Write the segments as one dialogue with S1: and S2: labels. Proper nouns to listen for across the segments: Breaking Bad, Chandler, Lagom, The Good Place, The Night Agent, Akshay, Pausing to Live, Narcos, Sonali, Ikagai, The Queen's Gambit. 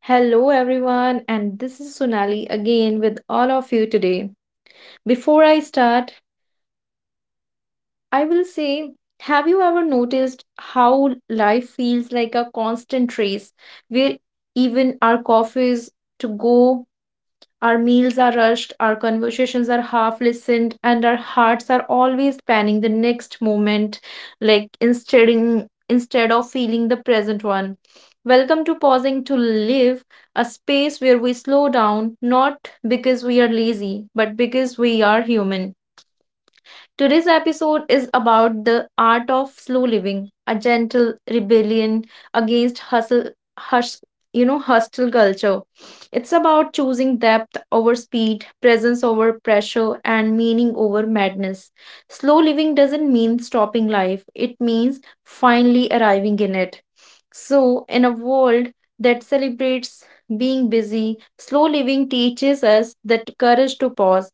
S1: Hello, everyone, and this is Sonali again with all of you today. Before I start, I will say have you ever noticed how life feels like a constant race where even our coffees to go, our meals are rushed, our conversations are half listened, and our hearts are always planning the next moment, like instead of feeling the present one. Welcome to Pausing to Live, a space where we slow down, not because we are lazy, but because we are human. Today's episode is about the art of slow living, a gentle rebellion against hustle, hush, hustle culture. It's about choosing depth over speed, presence over pressure, and meaning over madness. Slow living doesn't mean stopping life, it means finally arriving in it. So, in a world that celebrates being busy, slow living teaches us that courage to pause,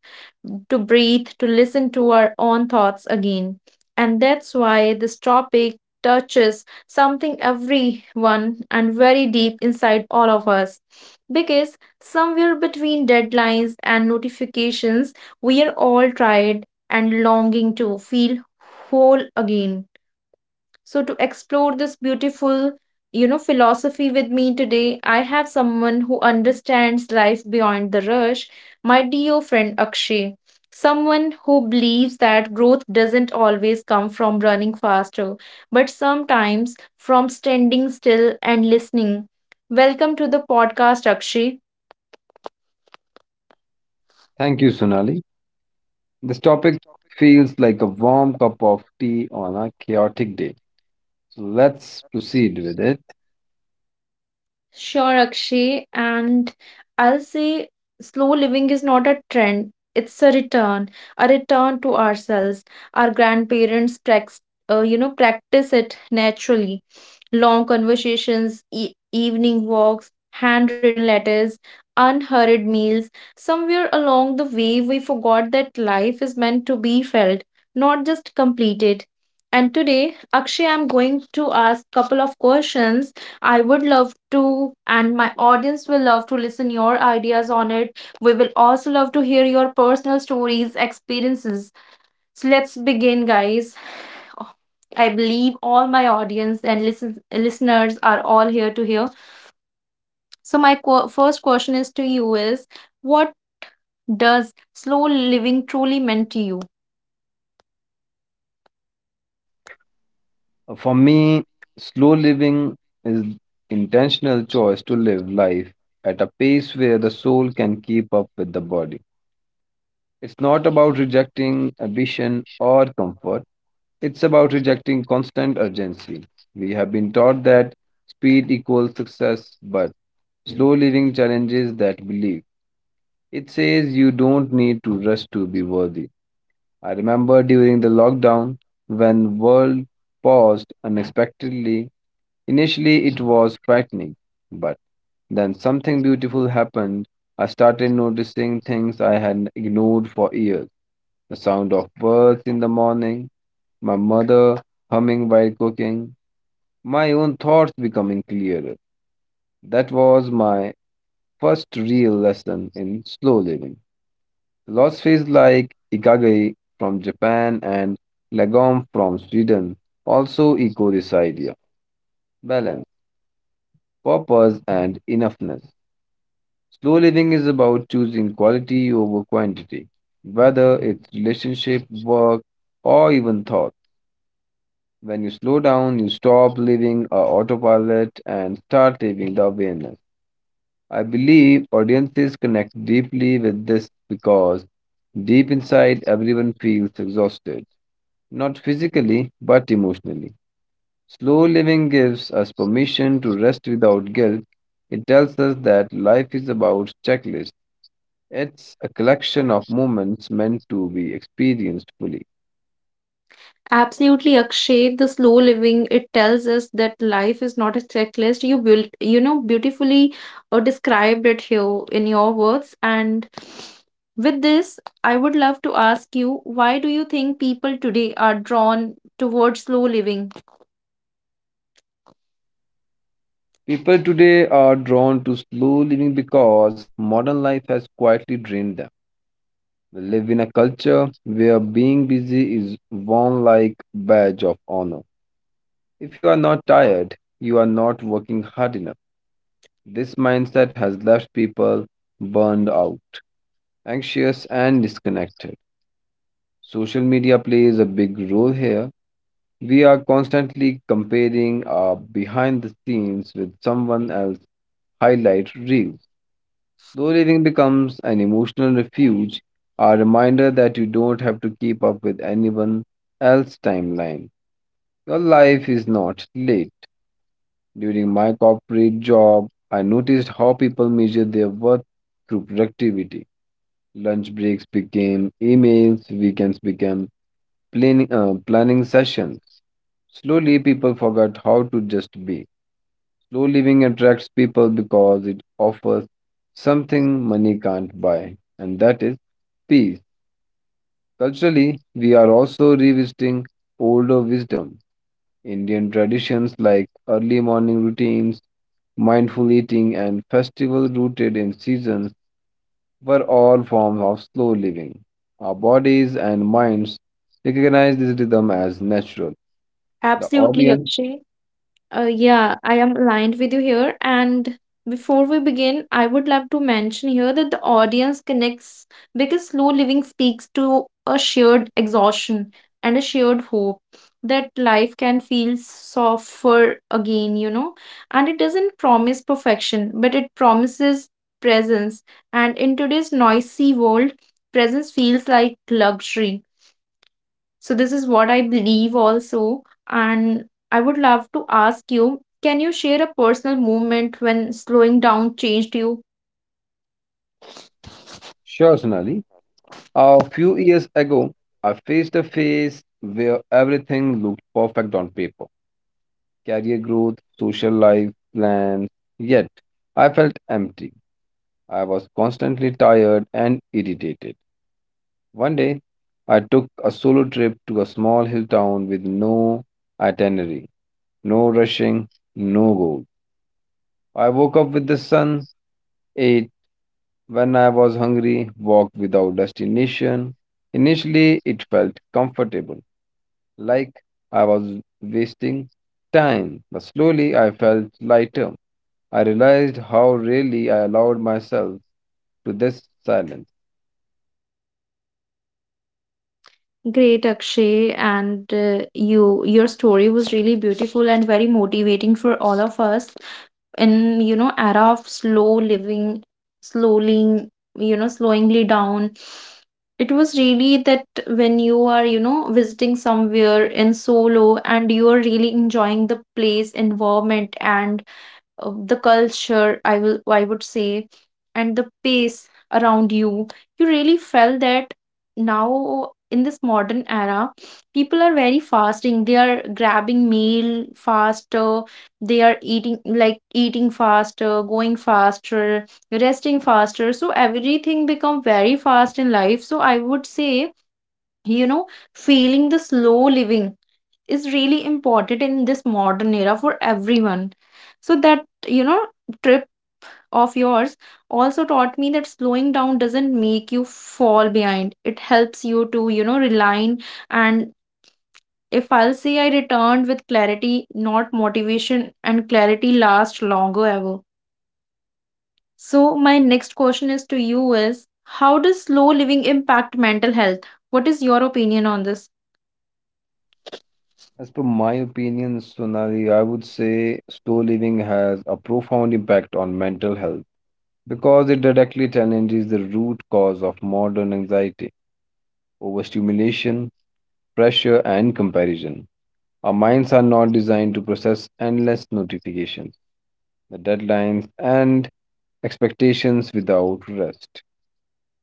S1: to breathe, to listen to our own thoughts again. And that's why this topic touches something everyone and very deep inside all of us. Because somewhere between deadlines and notifications, we are all tired and longing to feel whole again. So, to explore this beautiful philosophy with me today, I have someone who understands life beyond the rush, my dear friend Akshay. Someone who believes that growth doesn't always come from running faster, but sometimes from standing still and listening. Welcome to the podcast, Akshay.
S2: Thank you, Sonali. This topic feels like a warm cup of tea on a chaotic day. So let's proceed with it.
S1: Sure, Akshay. And I'll say slow living is not a trend, it's a return to ourselves. Our grandparents practice it naturally: long conversations, evening walks, handwritten letters, unhurried meals. Somewhere along the way, we forgot that life is meant to be felt, not just completed. And today, Akshay, I'm going to ask couple of questions. I would love to, and my audience will love to listen your ideas on it. We will also love to hear your personal stories, experiences. So let's begin, guys. Oh, I believe all my audience and listeners are all here to hear. So, my first question is to you is what does slow living truly mean to you?
S2: For me, slow living is intentional choice to live life at a pace where the soul can keep up with the body. It's not about rejecting ambition or comfort. It's about rejecting constant urgency. We have been taught that speed equals success, but slow living challenges that belief. It says you don't need to rush to be worthy. I remember during the lockdown when world paused unexpectedly. Initially it was frightening, but then something beautiful happened. I started noticing things I had ignored for years. The sound of birds in the morning, my mother humming while cooking, my own thoughts becoming clearer. That was my first real lesson in slow living. Philosophies like Ikagay from Japan and Lagom from Sweden also echo this idea balance, purpose, and enoughness. Slow living is about choosing quality over quantity, whether it's relationship, work, or even thought. When you slow down, you stop living a autopilot and start living the awareness. I believe audiences connect deeply with this because deep inside everyone feels exhausted. Not physically, but emotionally. Slow living gives us permission to rest without guilt. It tells us that life is about checklists. It's a collection of moments meant to be experienced fully.
S1: Absolutely, Akshay. The slow living it tells us that life is not a checklist. You built, beautifully described it here in your words. And with this, I would love to ask you, why do you think people today are drawn towards slow living?
S2: People today are drawn to slow living because modern life has quietly drained them. We live in a culture where being busy is worn like badge of honor. If you are not tired, you are not working hard enough. This mindset has left people burned out, anxious, and disconnected. Social media plays a big role here. We are constantly comparing our behind the scenes with someone else's highlight reels. Slow living becomes an emotional refuge, a reminder that you don't have to keep up with anyone else's timeline. Your life is not late. During my corporate job, I noticed how people measure their worth through productivity. Lunch breaks became emails, weekends became planning sessions. Slowly, people forgot how to just be. Slow living attracts people because it offers something money can't buy, and that is peace. Culturally, we are also revisiting older wisdom. Indian traditions like early morning routines, mindful eating, and festival rooted in seasons were all forms of slow living. Our bodies and minds recognize this rhythm as natural. The
S1: Absolutely,
S2: audience,
S1: Akshay. Yeah, I am aligned with you here. And before we begin, I would love to mention here that the audience connects because slow living speaks to a shared exhaustion and a shared hope that life can feel softer again. And it doesn't promise perfection, but it promises presence. And in today's noisy world, presence feels like luxury, so this is what I believe also. And I would love to ask you, can you share a personal moment when slowing down changed you?
S2: sure, Sonali, a few years ago, I faced a phase where everything looked perfect on paper career growth, social life, plans. Yet, I felt empty. I was constantly tired and irritated. One day, I took a solo trip to a small hill town with no itinerary, no rushing, no goal. I woke up with the sun, ate when I was hungry, walked without destination. Initially, it felt comfortable, like I was wasting time, but slowly I felt lighter. I realized how really I allowed myself to this silence.
S1: Great, Akshay, and you, your story was really beautiful and very motivating for all of us in, you know, era of slow living, slowly you know slowingly down. It was really that when you are, you know, visiting somewhere in solo and you are really enjoying the place, environment, and the culture, I would say, and the pace around you, you really felt that now in this modern era people are very fasting, they are grabbing meal faster, they are eating, eating faster, going faster, resting faster, so everything become very fast in life. So I would say, you know, feeling the slow living is really important in this modern era for everyone. So that, you know, trip of yours also taught me that slowing down doesn't make you fall behind, it helps you to, you know, realign. And if I'll say, I returned with clarity, not motivation, and clarity lasts longer ever. So my next question is to you is how does slow living impact mental health? What is your opinion on this?
S2: As per my opinion, Sonali, I would say slow living has a profound impact on mental health because it directly challenges the root cause of modern anxiety, overstimulation, pressure, and comparison. Our minds are not designed to process endless notifications, the deadlines, and expectations without rest.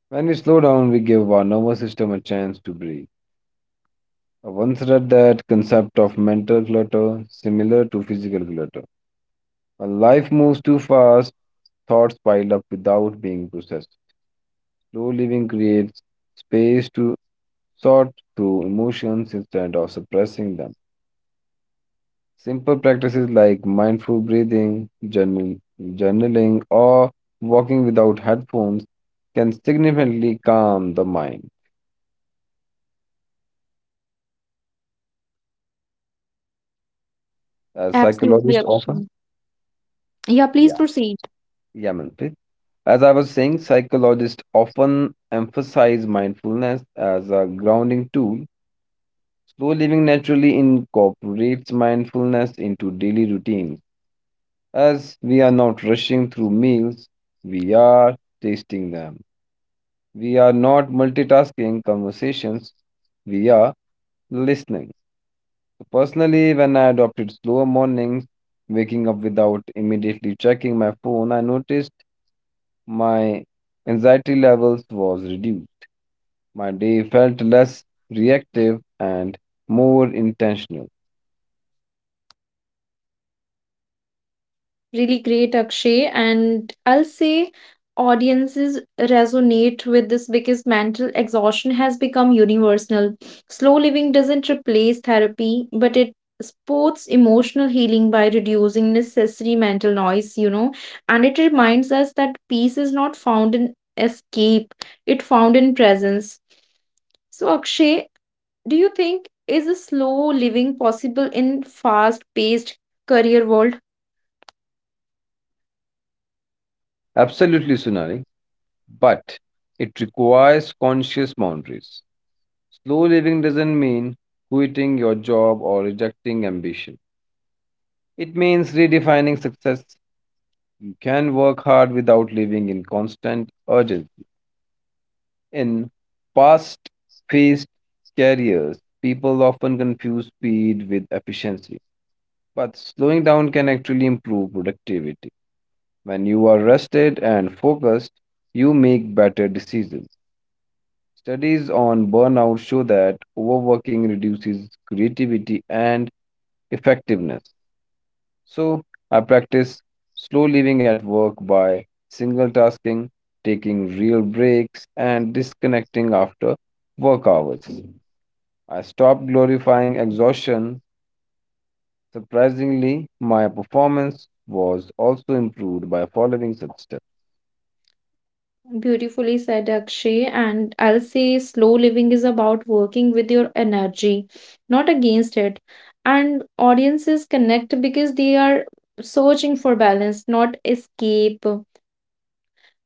S2: When we slow down, we give our nervous system a chance to breathe. I once read that concept of mental clutter similar to physical clutter. When life moves too fast, thoughts pile up without being processed. Slow living creates space to sort through emotions instead of suppressing them. Simple practices like mindful breathing, journaling, or walking without headphones can significantly calm the mind. As
S1: Absolutely,
S2: psychologists often,
S1: Akshay. Yeah, please
S2: yeah,
S1: proceed.
S2: yeah, Manpreet. As I was saying, psychologists often emphasize mindfulness as a grounding tool. Slow living naturally incorporates mindfulness into daily routines. As we are not rushing through meals, we are tasting them. We are not multitasking conversations, we are listening. So personally, when I adopted slower mornings, waking up without immediately checking my phone, I noticed my anxiety levels was reduced. My day felt less reactive and more intentional.
S1: Really great, Akshay. And I'll say audiences resonate with this because mental exhaustion has become universal. Slow living doesn't replace therapy, but it supports emotional healing by reducing necessary mental noise, and it reminds us that peace is not found in escape, it found in presence. So, Akshay, do you think is a slow living possible in fast-paced career world?
S2: Absolutely, Sunali. But it requires conscious boundaries. Slow living doesn't mean quitting your job or rejecting ambition. It means redefining success can work hard without living in constant urgency. In past faced careers, people often confuse speed with efficiency, but slowing down can actually improve productivity. When you are rested and focused, you make better decisions. Studies on burnout show that overworking reduces creativity and effectiveness. So I practice slow living at work by single tasking, taking real breaks, and disconnecting after work hours. I stopped glorifying exhaustion. Surprisingly, my performance was also improved by following such steps.
S1: Beautifully said, Akshay. And I'll say slow living is about working with your energy, not against it. And audiences connect because they are searching for balance, not escape.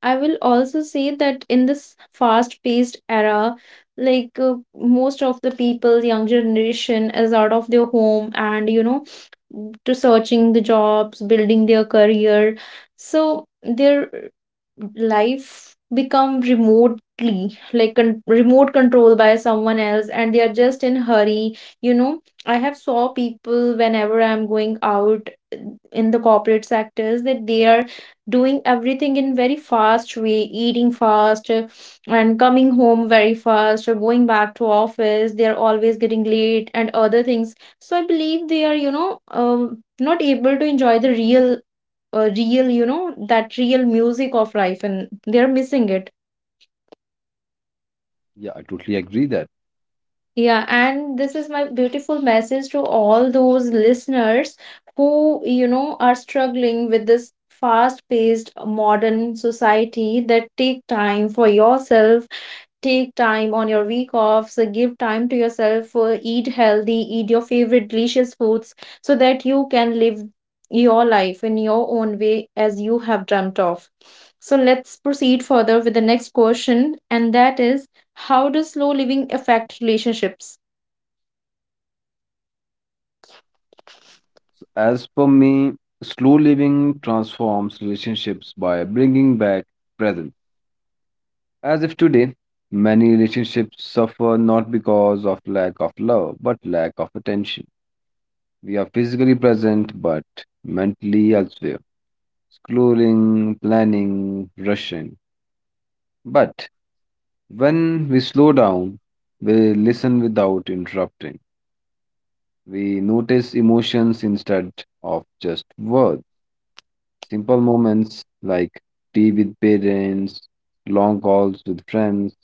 S1: I will also say that in this fast-paced era, most of the people, young generation is out of their home and, you know, to searching the jobs, building their career. So their life become remotely like remote control by someone else and they are just in hurry, you know. I have saw people whenever I'm going out in the corporate sectors that they are doing everything in very fast way, eating fast, and coming home very fast or going back to office, they are always getting late and other things. So I believe they are, you know, not able to enjoy the real you know, that real music of life, and they are missing it.
S2: Yeah, I totally agree that.
S1: Yeah, and this is my beautiful message to all those listeners who, you know, are struggling with this fast paced modern society, that take time for yourself, take time on your week offs, give time to yourself, eat healthy, eat your favorite delicious foods so that you can live your life in your own way as you have dreamt of. So let's proceed further with the next question, and that is how does slow living affect relationships?
S2: So as per me, slow living transforms relationships by bringing back presence. As if today, many relationships suffer not because of lack of love, but lack of attention. We are physically present, but mentally elsewhere, scrolling, planning, rushing. But when we slow down, we listen without interrupting. We notice emotions instead of just words. Simple moments like tea with parents, long calls with friends,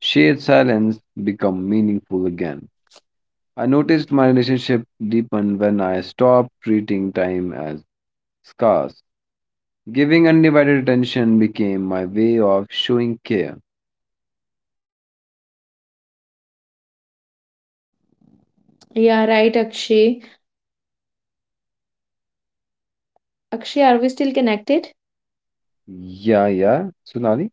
S2: shared silence become meaningful again. I noticed my relationship deepened when I stopped treating time as scarce. Giving undivided attention became my way of showing care.
S1: Yeah, right, Akshay. Akshay, are we still connected?
S2: Yeah, yeah, Sunali.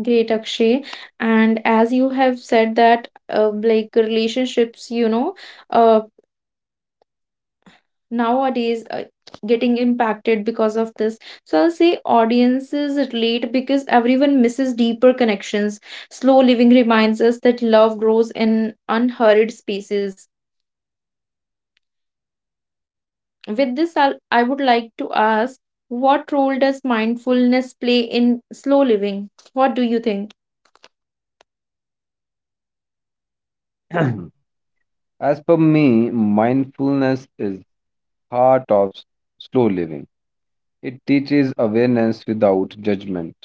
S1: Great, Akshay. And as you have said that, like relationships, you know, uh, nowadays getting impacted because of this. So I'll say audiences relate because everyone misses deeper connections. Slow living reminds us that love grows in unhurried spaces. With this I would like to ask, what role does mindfulness play in slow living? What do you think?
S2: As per me, mindfulness is heart of slow living. It teaches awareness without judgment.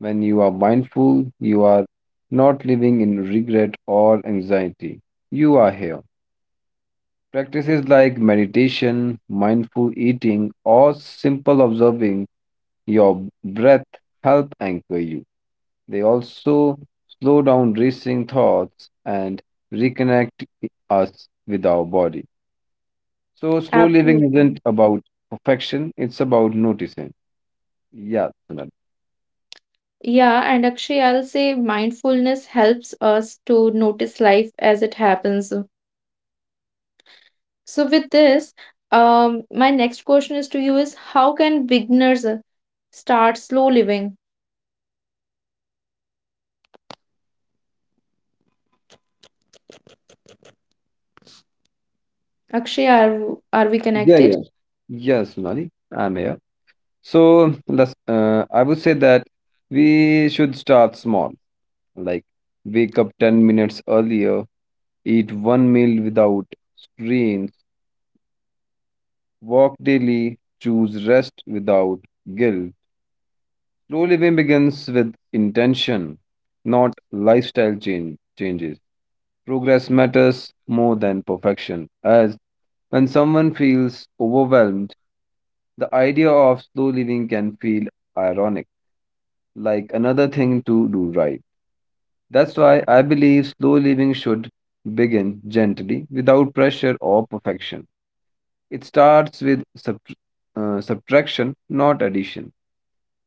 S2: When you are mindful, you are not living in regret or anxiety. You are here. Practices like meditation, mindful eating, or simple observing your breath help anchor you. They also slow down racing thoughts and reconnect us with our body. So, slow living
S1: Absolutely.
S2: isn't about perfection, it's about noticing. Yeah, Sunali.
S1: Yeah, and actually, I'll say mindfulness helps us to notice life as it happens. So with this, my next question is to you is how can beginners start slow living? Akshay, are we
S2: Yeah,
S1: connected?
S2: yeah. Yes, Sunali, I'm here. So, I would say that we should start small, like wake up 10 minutes earlier. Eat one meal without screens. Walk daily. Choose rest without guilt. Slow living begins with intention, not lifestyle changes. Progress matters more than perfection, as when someone feels overwhelmed, the idea of slow living can feel ironic, like another thing to do right. That's why I believe slow living should begin gently, without pressure or perfection. It starts with subtraction, not addition.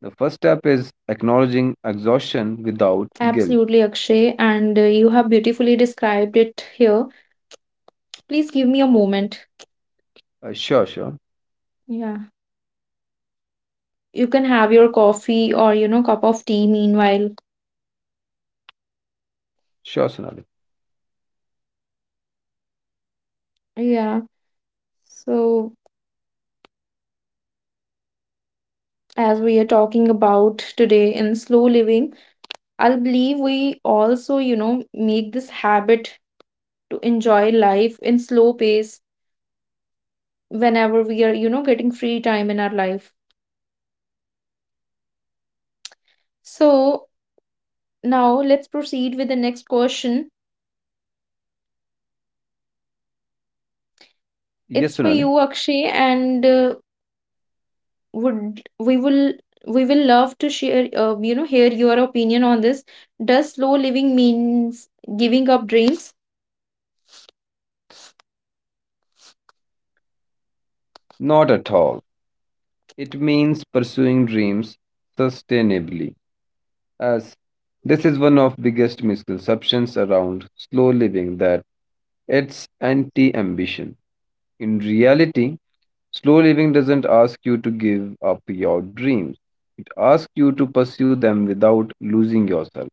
S2: The first step is acknowledging exhaustion without guilt.
S1: Absolutely, Akshay, and you have beautifully described it here. Please give me a moment.
S2: Sure, sure.
S1: Yeah, you can have your coffee or, you know, cup of tea meanwhile.
S2: Sure, Sonali.
S1: Yeah. So as we are talking about today in slow living, I believe we also, you know, make this habit to enjoy life in slow pace whenever we are, you know, getting free time in our life. So now let's proceed with the next question.
S2: Yes,
S1: It's for
S2: Sonali.
S1: you, Akshay, and would we will love to share you know, hear your opinion on this. Does slow living means giving up dreams?
S2: Not at all. It means pursuing dreams sustainably. As this is one of biggest misconceptions around slow living that it's anti-ambition. In reality, slow living doesn't ask you to give up your dreams. It asks you to pursue them without losing yourself.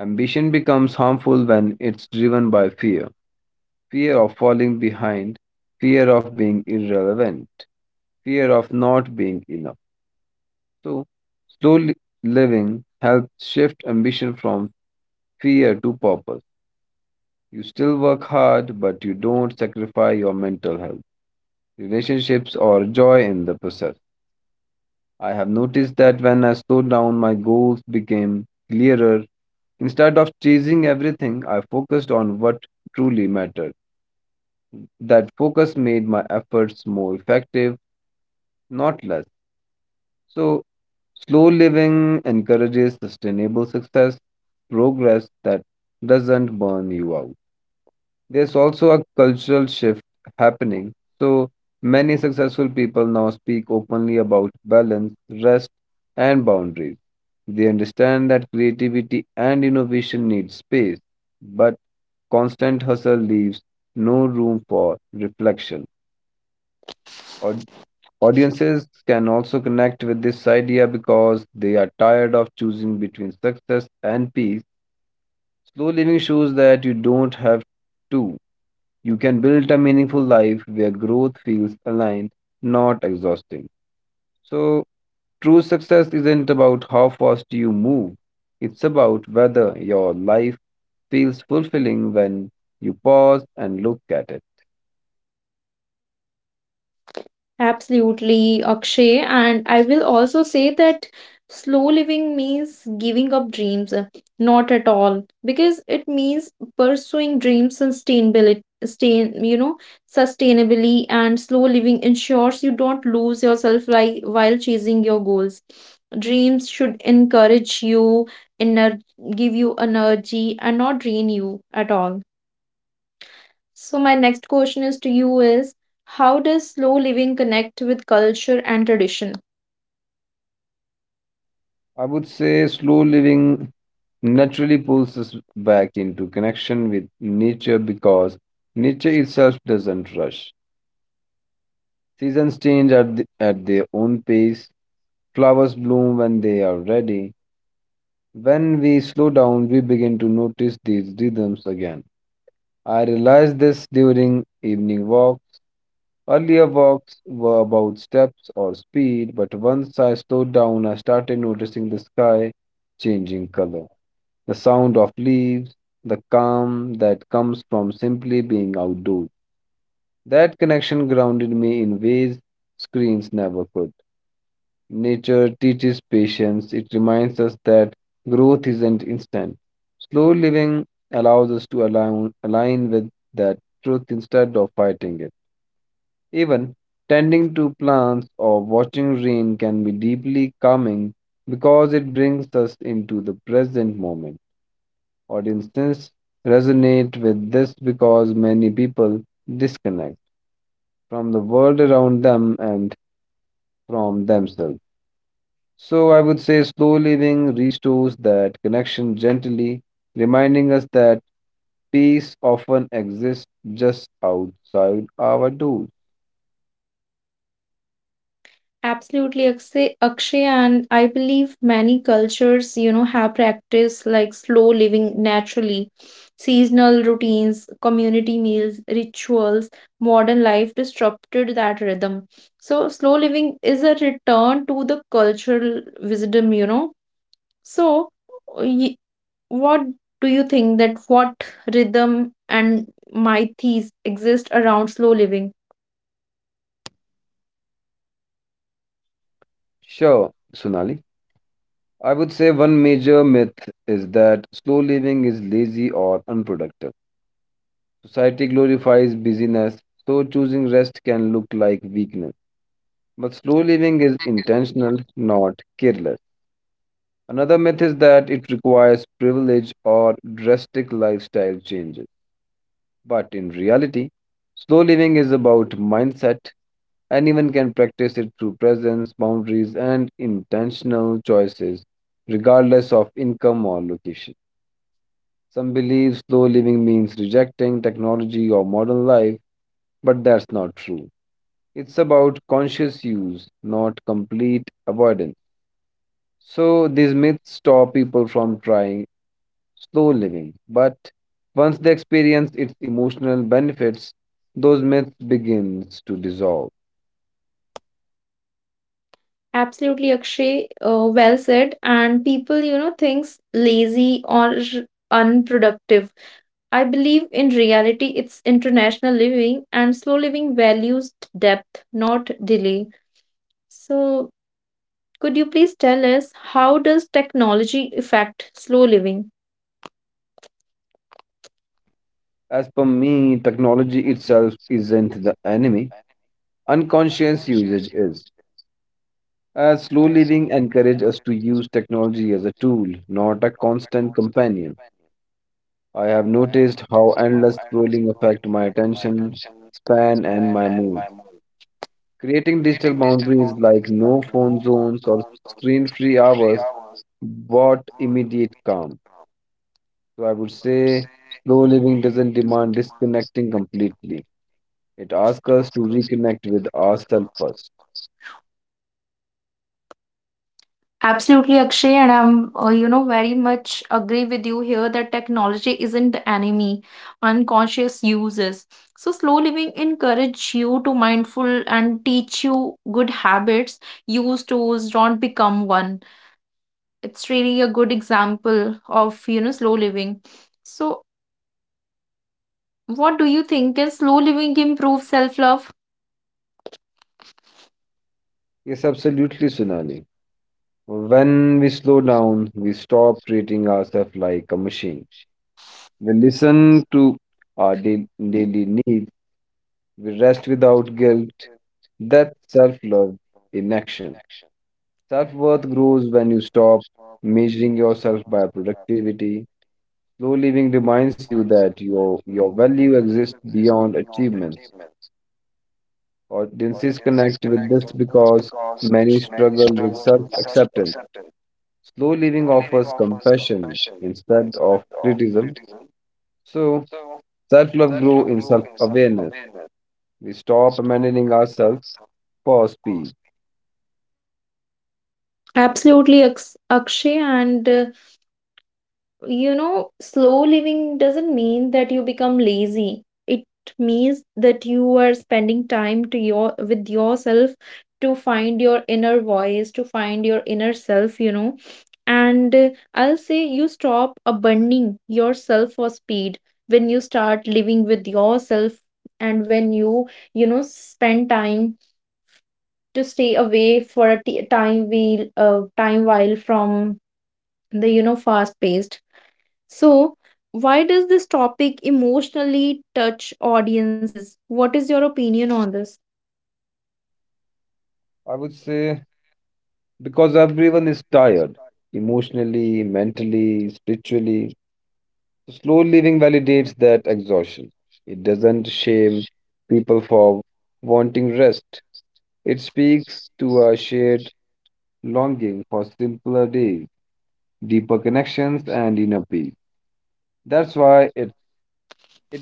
S2: Ambition becomes harmful when it's driven by fear, fear of falling behind, fear of being irrelevant, fear of not being enough. So, slow living helps shift ambition from fear to purpose. You still work hard, but you don't sacrifice your mental health, relationships, or joy in the process. I have noticed that when I slowed down, my goals became clearer. Instead of chasing everything, I focused on what truly mattered. That focus made my efforts more effective, not less. So, slow living encourages sustainable success, progress that doesn't burn you out. There's also a cultural shift happening. So many successful people now speak openly about balance, rest, and boundaries. They understand that creativity and innovation need space, but constant hustle leaves no room for reflection. Aud- Audiences can also connect with this idea because they are tired of choosing between success and peace. Slow living shows that you don't have to. You can build a meaningful life where growth feels aligned, not exhausting. So, true success isn't about how fast you move, it's about whether your life feels fulfilling when you pause and look at it.
S1: Absolutely, Akshay. And I will also say that slow living means giving up dreams. Not at all. Because it means pursuing dreams sustainability, sustain, you know, sustainably, and slow living ensures you don't lose yourself like while chasing your goals. Dreams should encourage you, ener- give you energy and not drain you at all. So my next question is to you is how does slow living connect with culture and tradition?
S2: I would say slow living naturally pulls us back into connection with nature because nature itself doesn't rush. Seasons change at their own pace, flowers bloom when they are ready. When we slow down, we begin to notice these rhythms again. I realized this during evening walks. Earlier walks were about steps or speed, but once I slowed down, I started noticing the sky changing color, the sound of leaves, the calm that comes from simply being outdoors. That connection grounded me in ways screens never could. Nature teaches patience. It reminds us that growth isn't instant. Slow living allows us to align with that truth instead of fighting it. Even tending to plants or watching rain can be deeply calming because it brings us into the present moment. Audiences resonate with this because many people disconnect from the world around them and from themselves. So I would say slow living restores that connection gently, reminding us that peace often exists just outside our doors.
S1: Absolutely, Akshay, and I believe many cultures, you know, have practiced like slow living naturally. Seasonal routines, community meals, rituals, modern life disrupted that rhythm. So slow living is a return to the cultural wisdom, you know. So, y- what do you think that what rhythm and mythes exist around slow living?
S2: Sure, Sunali. I would say one major myth is that slow living is lazy or unproductive. Society glorifies busyness, so choosing rest can look like weakness. But slow living is intentional, not careless. Another myth is that it requires privilege or drastic lifestyle changes. But in reality, slow living is about mindset. Anyone can practice it through presence, boundaries, and intentional choices, regardless of income or location. Some believe slow living means rejecting technology or modern life, but that's not true. It's about conscious use, not complete avoidance. So, these myths stop people from trying slow living. But once they experience its emotional benefits, those myths begins to dissolve.
S1: Absolutely, Akshay, well said. And people, you know, thinks lazy or unproductive. I believe in reality, it's international living, and slow living values depth, not delay. So, could you please tell us how does technology affect slow living?
S2: As per me, technology itself isn't the enemy. Unconscious usage is. As slow living encourages us to use technology as a tool, not a constant companion. I have noticed how endless scrolling affect my attention span and my mood. Creating digital boundaries like no phone zones or screen-free hours. What immediate calm? So I would say slow living doesn't demand disconnecting completely. It asks us to reconnect with ourselves first.
S1: Absolutely, Akshay, and I'm, you know, very much agree with you here that technology isn't the enemy, unconscious uses. So, slow living encourage you to mindful and teach you good habits. Use tools, don't become one. It's really a good example of, you know, slow living. So, what do you think? Can slow living improve self-love?
S2: Yes, absolutely, Sunali. When we slow down, we stop treating ourselves like a machine. We listen to our daily needs. We rest without guilt. That's self love in action. Self worth grows when you stop measuring yourself by productivity. Slow living reminds you that your value exists beyond achievements. Audiences connect with this because many struggle with self acceptance. Slow living offers compassion instead of criticism. So, self love grows in self awareness. We stop abandoning ourselves for speed.
S1: Absolutely, Akshay, and you know, slow living doesn't mean that you become lazy. It means that you are spending time to your with yourself to find your inner voice, to find your inner self, you know. And I'll say you stop abandoning yourself for speed when you start living with yourself and when you know, spend time to stay away for a time while from the, you know, fast paced. So, why does this topic emotionally touch audiences? What is your opinion on this?
S2: I would say because everyone is tired emotionally, mentally, spiritually. So slow living validates that exhaustion. It doesn't shame people for wanting rest. It speaks to a shared longing for simpler days, deeper connections, and inner peace. That's why it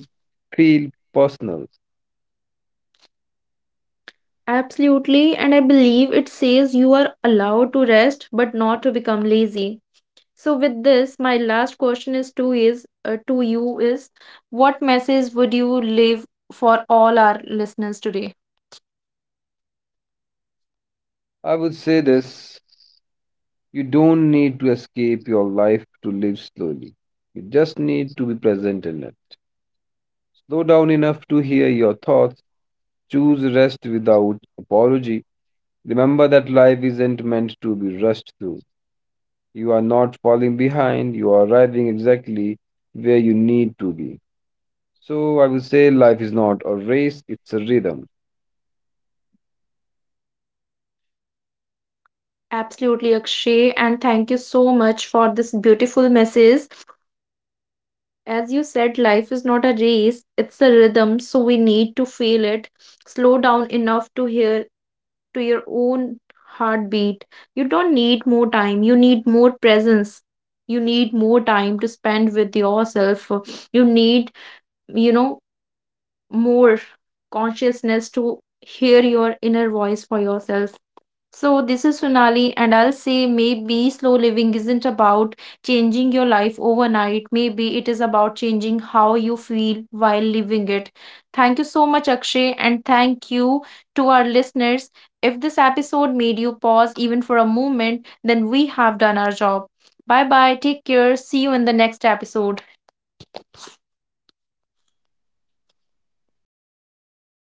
S2: feels personal.
S1: Absolutely, and I believe it says you are allowed to rest but not to become lazy. So with this, my last question is to you is what message would you leave for all our listeners today?
S2: I would say this: you don't need to escape your life to live slowly. You just need to be present in it. Slow down enough to hear your thoughts. Choose rest without apology. Remember that life isn't meant to be rushed through. You are not falling behind, you are arriving exactly where you need to be. So I would say life is not a race, it's a rhythm.
S1: Absolutely, Akshay, and thank you so much for this beautiful message. As you said, life is not a race, it's a rhythm. So we need to feel it. Slow down enough to hear to your own heartbeat. You don't need more time, you need more presence. You need more time to spend with yourself. You need, you know, more consciousness to hear your inner voice for yourself. So, this is Sonali, and I'll say maybe slow living isn't about changing your life overnight. Maybe it is about changing how you feel while living it. Thank you so much, Akshay, and thank you to our listeners. If this episode made you pause even for a moment, then we have done our job. Bye bye, take care, see you in the next episode.